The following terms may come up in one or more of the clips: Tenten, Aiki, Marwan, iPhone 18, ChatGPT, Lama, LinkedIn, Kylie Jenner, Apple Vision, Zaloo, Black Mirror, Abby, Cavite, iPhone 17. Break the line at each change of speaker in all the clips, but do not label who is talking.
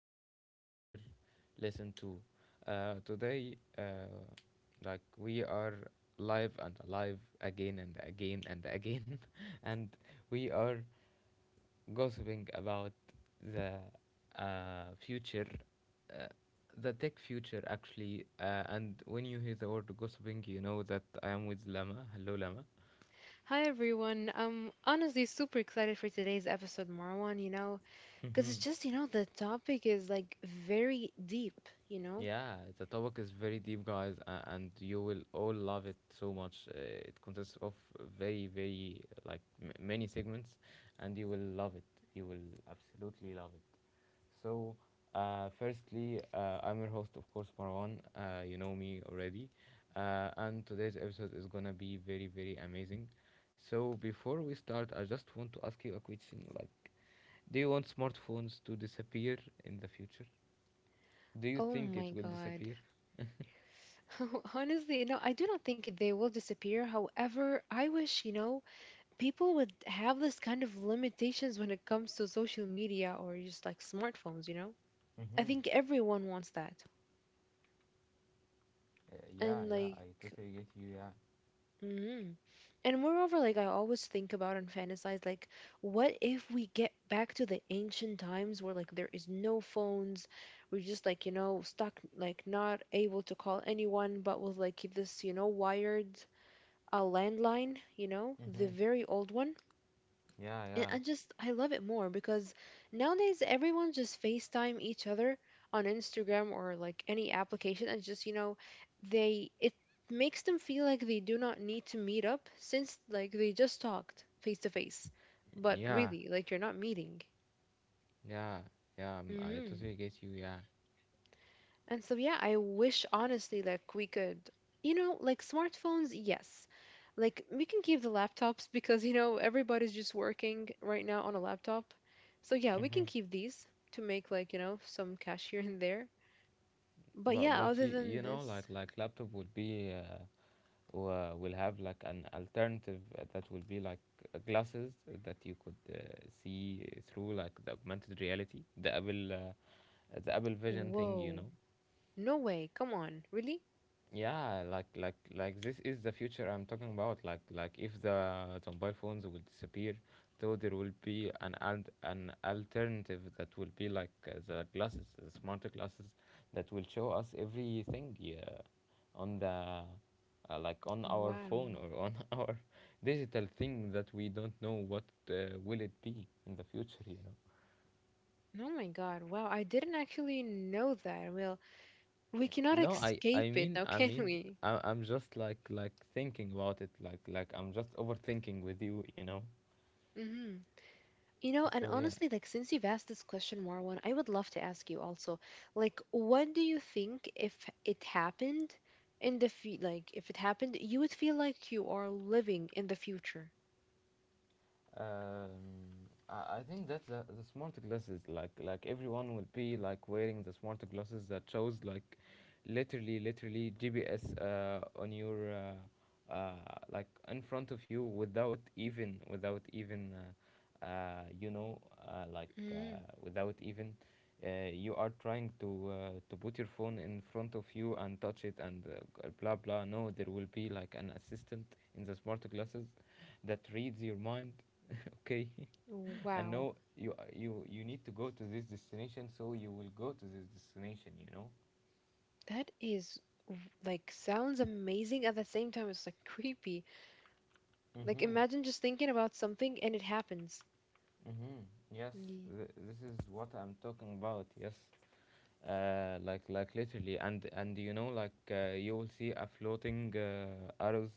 podcast you will ever listen to. Today, we are live and alive again and again and again, and we are gossiping about the future, uh, the tech future actually. And when you hear the word gossiping, you know that I am with Lama. Hello, Lama.
Hi everyone. I'm honestly super excited for today's episode, Marwan, because it's
Mm-hmm.
just, the topic is like very deep, you know?
Yeah, the topic is very deep, guys, and you will all love it so much. It consists of very, very like many segments, and you will love it. You will absolutely love it. So, firstly, I'm your host, of course, Marwan. You know me already, and today's episode is gonna be very, very amazing. So, before we start, I just want to ask you a question. Like, do you want smartphones to disappear in the future? Do you
Oh
think it
my
will
God.
disappear?
Honestly, I do not think they will disappear. However, I wish, people would have this kind of limitations when it comes to social media or just like smartphones? I
Mm-hmm.
think everyone wants that.
Uh, yeah,
And
yeah,
like,
I totally get you. Yeah.
mhm. And moreover, like I always think about and fantasize, like, what if we get back to the ancient times where like there is no phones, we're just like, stuck, like not able to call anyone, but with like this, wired landline, the
Mm-hmm.
very old one.
Yeah,
And
yeah.
I just, I love it more because nowadays everyone just FaceTime each other on Instagram or like any application and just, they it makes them feel like they do not need to meet up since like they just talked face to face. But
Yeah,
really, like you're not meeting.
yeah, yeah. I
Hmm.
totally get you. Yeah.
And so, yeah, I wish honestly, like, we could, like smartphones, yes. Like, we can keep the laptops because, everybody's just working right now on a laptop. So, yeah, we can
Mm-hmm.
keep these to make, like, some cash here and there. But
but
yeah,
but
other
you,
than
you know like
this,
like laptop will be uh, will have like an alternative that will be like glasses that you could see through like the augmented reality, the Apple Vision thing. You
whoa,
know,
no way, come on, really?
yeah, like this is the future I'm talking about. Like, if the mobile phones will disappear, so there will be an an alternative that will be like the glasses, the smarter glasses that will show us everything, yeah, on the like on our
Wow.
phone or on our digital thing that we don't know what will it be in the future, you know.
Oh my God, wow, I didn't actually know that. Well, we cannot
No, I
escape
I
it
mean
now,
I
can
mean
we?
I, I'm just like thinking about it. Like, I'm just overthinking with you, you know.
Mm-hmm. And
So yeah.
honestly, like since you've asked this question, Marwan, I would love to ask you also, like, what do you think if it happened in the fe like if it happened, you would feel like you are living in the future?
Um, I think that the smart glasses, like, everyone will be like wearing the smart glasses that shows like literally GPS on your like in front of you, without even without even you know like
Mm,
without even you are trying to put your phone in front of you and touch it and uh, blah blah, no, there will be like an assistant in the smart glasses that reads your mind. Okay. And
wow,
know you, you need to go to this destination, so you will go to this destination, you know.
that is like sounds amazing. At the same time, it's like creepy. Like
Mhm.
imagine just thinking about something and it happens.
Mhm. Yes. This is what I'm talking about. Yes, like literally. And you know, like, you will see a floating arrows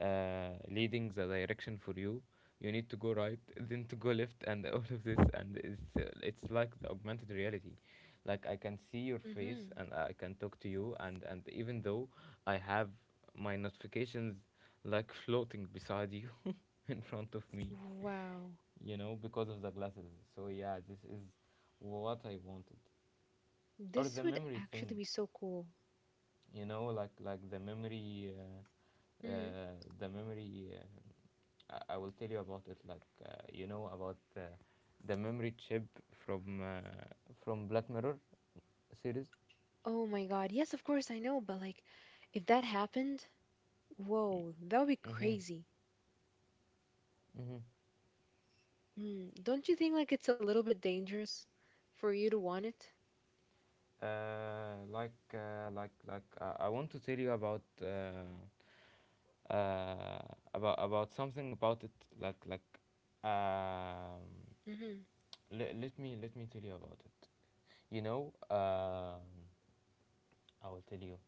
leading the direction for you. You need to go right, then to go left, and all of this. And it's like the augmented reality. Like, I can see your face
Mm-hmm.
and I can talk to you. And even though I have my notifications like floating beside you, in front of me,
Wow,
you know, because of the glasses. So yeah, this is what I wanted. Or
this
the
would
memory
actually
thing,
be so cool.
you know, like the memory uh,
Mhm.
uh, the memory uh, I, I will tell you about it. Like you know about the memory chip from uh, from Black Mirror series.
Oh my God. Yes, of course, I know, but like, if that happened, whoa, that would be
Mm-hmm.
crazy.
Mm-hmm.
Mm, don't you think like it's a little bit dangerous for you to want it?
I want to tell you about about something about it. like like um,
Mm-hmm,
let me tell you about it. You know, um, I will tell you.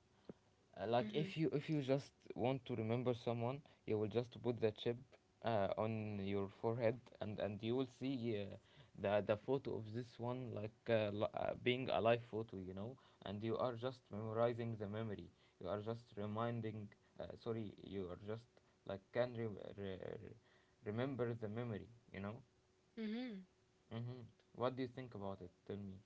Like,
mm-hmm,
if you just want to remember someone, you will just put the chip on your forehead, and you will see uh, the photo of this one, like, being a live photo, you know. And you are just memorizing the memory. You are just reminding. Sorry, you are just like can re- re- remember the memory, you know.
mm-hmm.
Mm-hmm. What do you think about it? Tell me.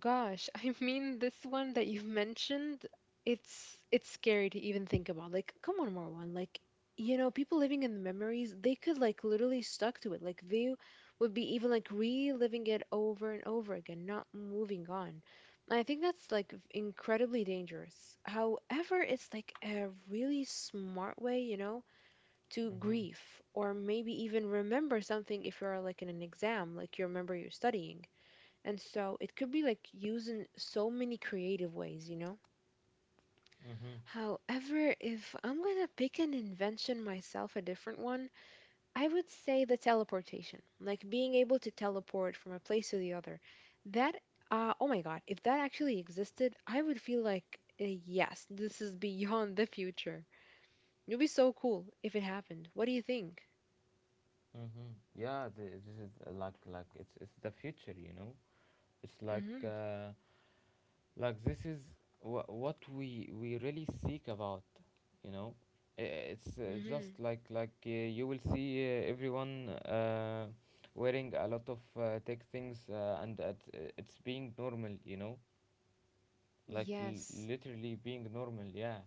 Gosh, I mean this one that you've mentioned, it's scary to even think about. Like, come on, Marwan. Like, people living in the memories, they could like literally stuck to it. Like they would be even like reliving it over and over again, not moving on. And I think that's like incredibly dangerous. However, it's like a really smart way, to
Mm-hmm.
grieve or maybe even remember something if you're like in an exam, like you remember you're studying and so it could be like used in so many creative ways?
Mm-hmm.
However, if I'm gonna pick an invention myself, a different one, I would say the teleportation, like being able to teleport from a place to the other. That, oh my God, if that actually existed, I would feel like, yes, this is beyond the future. It would be so cool if it happened. What do you think?
Mm-hmm. Yeah, this is uh, it's the future, you know. It's like
Mm-hmm.
uh, this is what we really seek about, you know. It's
Mm-hmm.
just like, you will see everyone wearing a lot of tech things, and that it's being normal, you know. Like,
Yes.
literally being normal, yeah.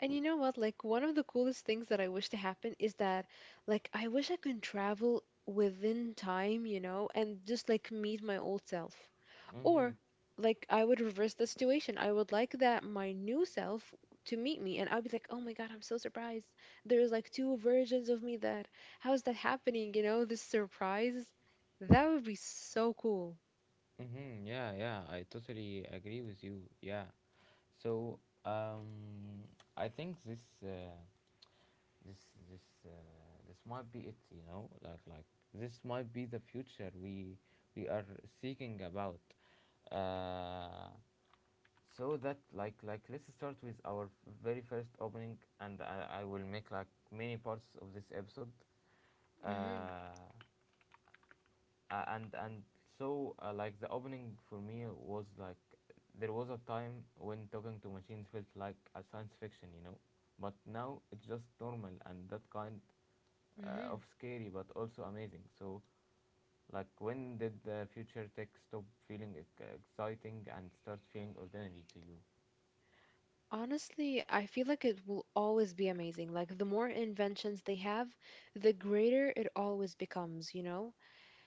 And
We,
you know what? Like, one of the coolest things that I wish to happen is that, like, I wish I could travel within time, and just like meet my old self. Or,
Mm-hmm.
like, I would reverse the situation. I would like that my new self to meet me, and I'd be like, oh my God, I'm so surprised. There's like two versions of me that, how is that happening? This surprise. That would be so cool.
Mm-hmm. Yeah, yeah, I totally agree with you. Yeah. So, um, I think this, this, uh, this might be it. You know, like, this might be the future we are seeking about. Uh, so that like let's start with our very first opening, and I will make like many parts of this episode. Uh, and the opening for me was like there was a time when talking to machines felt like a science fiction, you know, but now it's just normal, and that kind
Mm-hmm.
of scary but also amazing. So, like, when did the future tech stop feeling exciting and start feeling ordinary to you?
Honestly, I feel like it will always be amazing. Like, the more inventions they have, the greater it always becomes?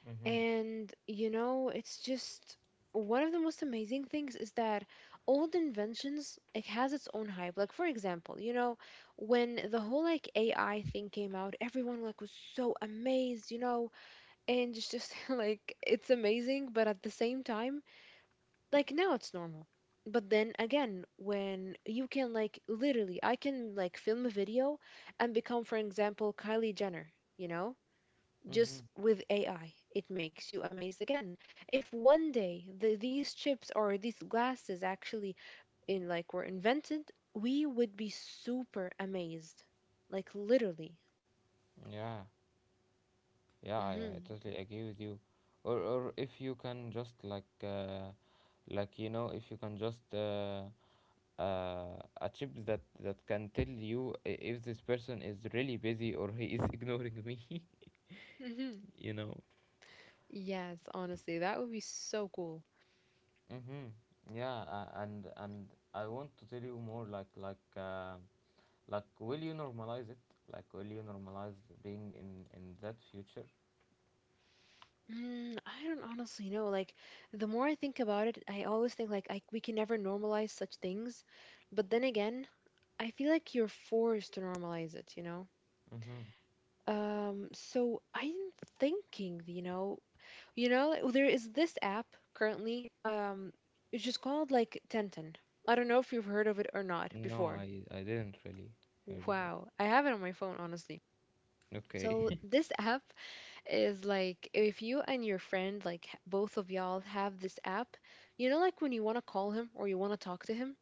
Mm-hmm.
And it's just one of the most amazing things is that old inventions, it has its own hype. Like, for example, when the whole like AI thing came out, everyone like was so amazed? And it's just like, it's amazing, but at the same time, like now it's normal. But then again, when you can, like, literally, I can like film a video and become, for example, Kylie Jenner, you know, just
Mm-hmm.
with AI, it makes you amazed again. If one day these chips or these glasses actually in like were invented, we would be super amazed, like literally.
Yeah. Yeah, I
Hmm.
totally agree with you. Or if you can just like, you know, if you can just a chip that can tell you if this person is really busy or he is ignoring me,
Hmm.
you know.
Yes, honestly, that would be so cool.
Mm-hmm. Yeah, and I want to tell you more. Like, will you normalize it? Like, will you normalize being in that future?
Mm, I don't honestly know. Like, the more I think about it, I always think like we can never normalize such things. But then again, I feel like you're forced to normalize it?
Mm-hmm.
So I'm thinking, like, there is this app currently, it's just called like Tenten. I don't know if you've heard of it or not
No,
before.
I didn't really heard of it.
Wow, I have it on my phone, honestly. So
Okay.
this app is like if you and your friend, like both of y'all have this app, like when you want to call him or you want to talk to him,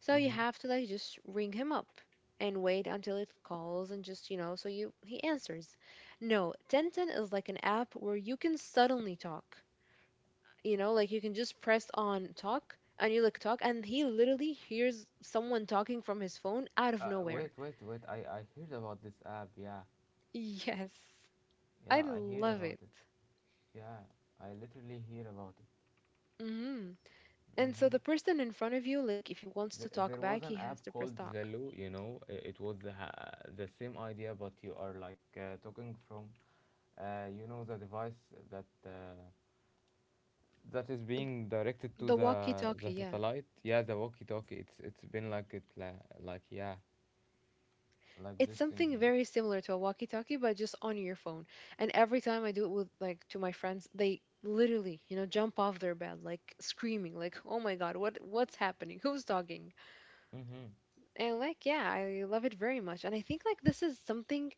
so you
Mm-hmm.
have to like just ring him up and wait until it calls and just, so you he answers. No, Tenten is like an app where you can suddenly talk. Like you can just press on talk and you like talk and he literally hears someone talking from his phone out of nowhere.
Wait, wait, wait. I heard about this app. Yeah,
Yes. I
yeah, I heard
love
about
it.
it. Yeah, I literally hear about
Mhm.
it.
And so
Mm-hmm.
the person in front of you, like if he wants to talk
There was
back, he
an
has
app
to press
called
talk.
Zaloo. You know, it was the same idea, but you are like talking from, you know, the device that that is
Th-
being directed to
The
the
walkie-talkie, yeah.
satellite. Yeah, the walkie-talkie. It's been like like, yeah, like
It's
this thing.
something
Yeah.
very similar to a walkie-talkie, but just on your phone. And every time I do it with like to my friends, they literally, jump off their bed, like screaming, like, "Oh my God, what's happening? Who's talking?"
Mm-hmm.
And like, yeah, I love it very much. And I think like this is something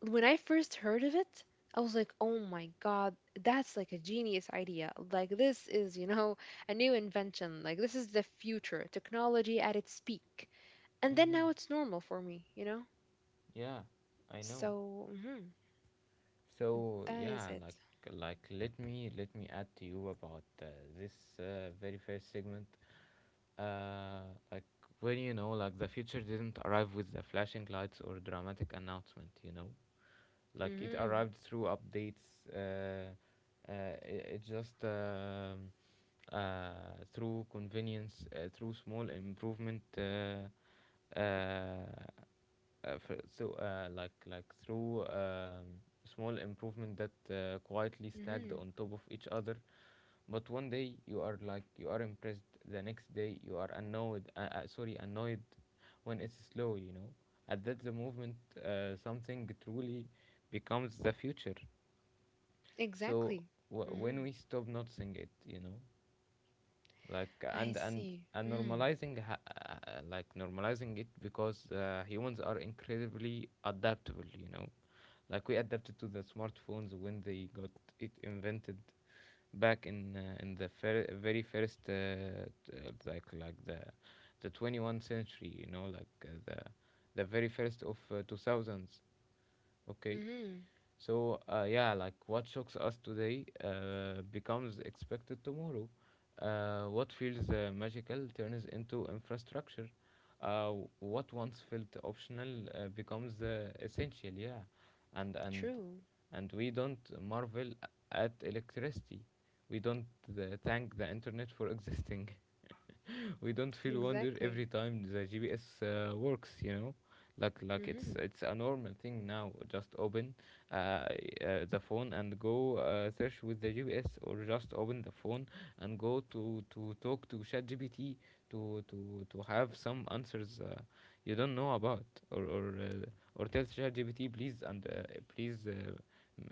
when I first heard of it, I was like, oh my God, that's like a genius idea. Like, this is, a new invention. Like, this is the future, technology at its peak. And then now
Mm-hmm.
it's normal for me?
Yeah, I know.
So, mhm,
So
that is
yeah,
it.
let me add to you about this very first segment. Uh, like, when you know, like the future didn't arrive with the flashing lights or dramatic announcement. You know, like it
Hmm.
arrived through updates. Uh, it just through convenience, through small improvement. For, so like through small improvement that quietly stacked
Hmm.
on top of each other. But one day you are like you are impressed, the next day you are annoyed. Sorry, annoyed when it's slow, you know. At that the movement something truly becomes the future. So,
Exactly. Hmm.
when we stop noticing it, you know, like,
I
and and
see.
and
Mm-hmm.
normalizing normalizing it, because humans are incredibly adaptable, you know. Like, we adapted to the smartphones when they got it invented back in very first t- like the 21st century, you know, like the very first of 2000s, okay.
Mm-hmm.
So, yeah, like what shocks us today becomes expected tomorrow. What feels magical turns into infrastructure. What once felt optional becomes essential, yeah. And, and,
True.
and we don't marvel at electricity. We don't thank the internet for existing. We don't feel wonder every
Exactly.
time the GPS works. You know, like,
Hmm.
it's a normal thing now. Just open uh, uh, the phone and go search with the GPS, or just open the phone and go to talk to ChatGPT to have some answers you don't know about, or or uh, or tell ChatGPT please, and please. Uh, m-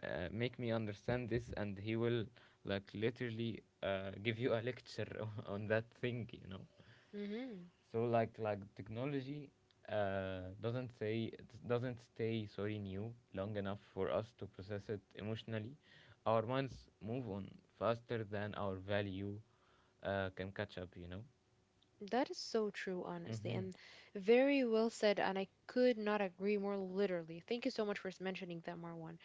uh, Make me understand this and he will literally give you a lecture on that thing.
Hmm.
So like technology doesn't say it doesn't stay sorry new long enough for us to process it emotionally. Our minds move on faster than our value can catch up, you know.
That is so true, honestly,
Mm-hmm,
and very well said. And I could not agree more literally. Thank you so much for mentioning that, Marwan.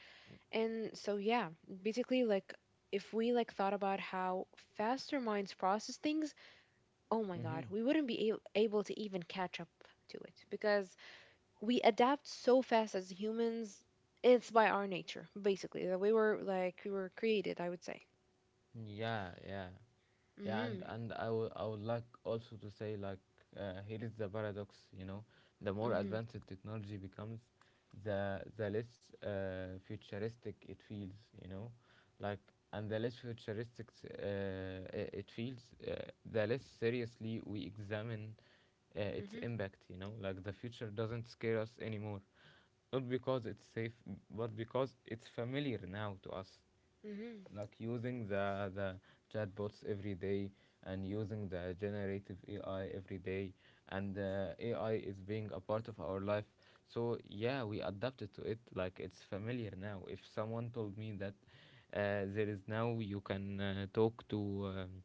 And so, yeah, basically, like, if we like thought about how faster minds process things, oh my God,
mm-hmm.
we wouldn't be able to even catch up to it because we adapt so fast as humans. It's by our nature, basically, that we were created. I would say.
Yeah, yeah, yeah.
Mm-hmm.
And I would like also to say, like, here is the paradox, you know, the more
Mm-hmm.
advanced technology becomes, the less futuristic it feels, you know. Like, and the less futuristic it feels, the less seriously we examine its
Mm-hmm.
impact, you know. Like, the future doesn't scare us anymore, not because it's safe, but because it's familiar now to us.
Mm-hmm.
Like using the chatbots every day, and using the generative AI every day, and AI is being a part of our life. So yeah, we adapted to it, like it's familiar now. If someone told me that there is now you can talk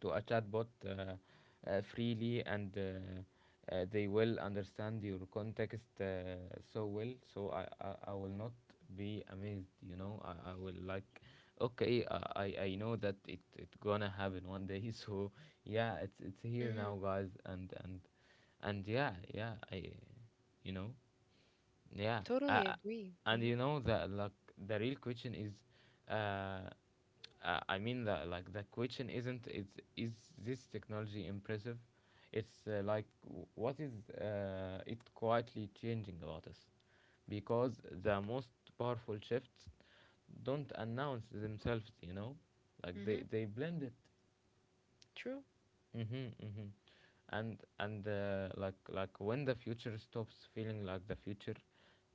to a chatbot freely, and they will understand your context so well, so I will not be amazed, you know. I will like, okay, I know that it gonna happen one day. So yeah, it's here now,
Mm-hmm.
guys. And yeah, yeah, I, you know. Yeah,
Totally
uh,
agree.
and
Mm-hmm.
you know, the like the real question is, uh, the question isn't, it's, is this technology impressive? It's like what is it quietly changing about us? Because the most powerful shifts don't announce themselves, you know. Like,
Mm-hmm.
they blend it.
True.
Mm-hmm, mm-hmm. And like, when the future stops feeling like the future,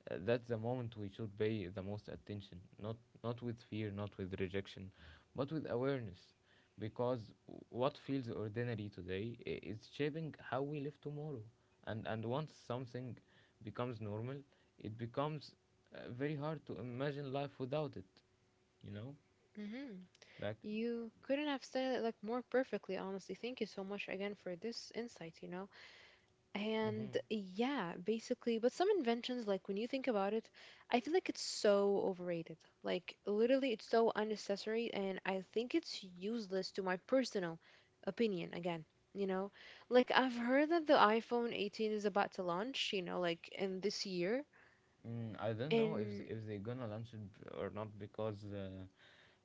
that's the moment we should pay the most attention. Not not with fear, not with rejection, but with awareness. Because what feels ordinary today is shaping how we live tomorrow. And once something becomes normal, it becomes very hard to imagine life without it. You know,
Hmm.
like.
You couldn't have said it like more perfectly, honestly. Thank you so much again for this insight? And
Mm-hmm.
yeah, basically, but some inventions, like when you think about it, I feel like it's so overrated. Like, literally, it's so unnecessary, and I think it's useless to my personal opinion again. You know, like I've heard that the iPhone 18 is about to launch, like in this year.
Mm, I don't know if
And
if they're gonna launch it or not, because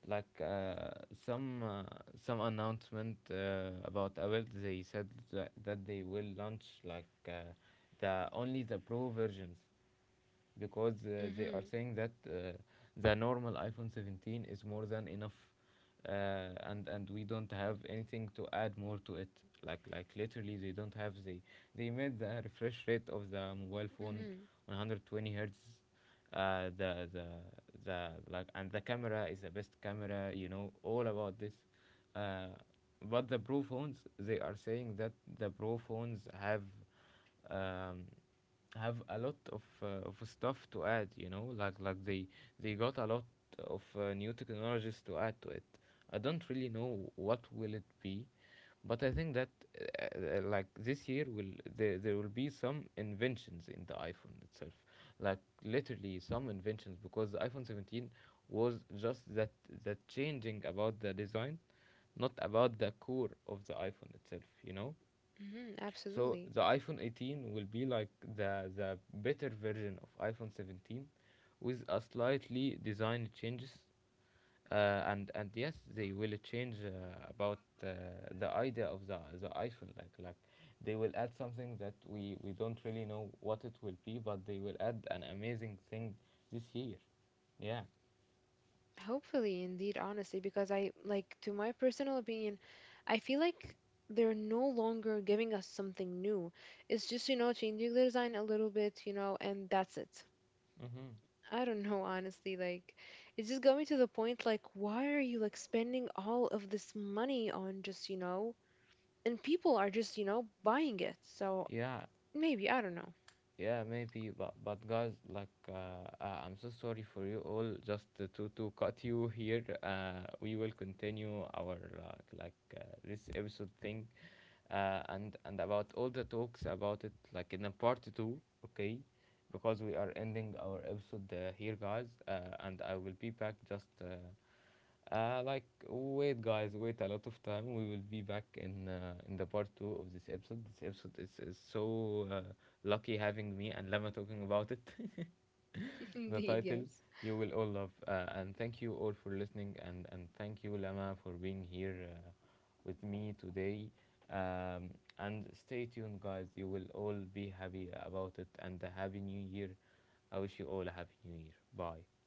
like some uh, some announcement about Apple. They said that they will launch like the only the pro versions, because they are
mm-hmm,
saying that the normal iPhone 17 is more than enough, and we don't have anything to add more to it. Like literally they don't have, they made the refresh rate of the mobile phone
mm-hmm,
120 hertz, uh, the the the like, and the camera is the best camera, you know, all about this. uh, but the pro phones, they are saying that the pro phones um, have a lot of stuff to add, you know. Like, they got a lot of new technologies to add to it. I don't really know what will it be, but I think that like, this year will there, there will be some inventions in the iPhone itself. Like literally some inventions, because the iPhone 17 was just that changing about the design, not about the core of the iPhone itself, you know.
mm-hmm,
So
absolutely.
the iPhone 18 will be like the better version of iPhone 17 with a slightly design changes, and yes they will change about the idea of the iPhone. Like they will add something that we don't really know what it will be, but they will add an amazing thing this year, yeah.
Hopefully, indeed, honestly, because I, like, to my personal opinion, I feel like they're no longer giving us something new. It's just, changing the design a little bit, and that's it.
Hmm.
I don't know, honestly, like, it's just going to the point, like, why are you, like, spending all of this money on just, and people are just, buying it. So
Yeah,
maybe, I don't know.
yeah, maybe, but guys, like, I'm so sorry for you all, just to to cut you here. We will continue our uh, like uh, this episode thing, and about all the talks about it, like, in a part two, okay? Because we are ending our episode here, guys. And I will be back just like, wait guys, wait a lot of time, we will be back in the part two of this episode. This episode is so lucky having me and Lama talking about it. The
Indeed,
title
yes.
you will all love. And thank you all for listening, and thank you Lama for being here with me today. Um, and stay tuned, guys. You will all be happy about it. And a happy new year. I wish you all a happy new year. Bye.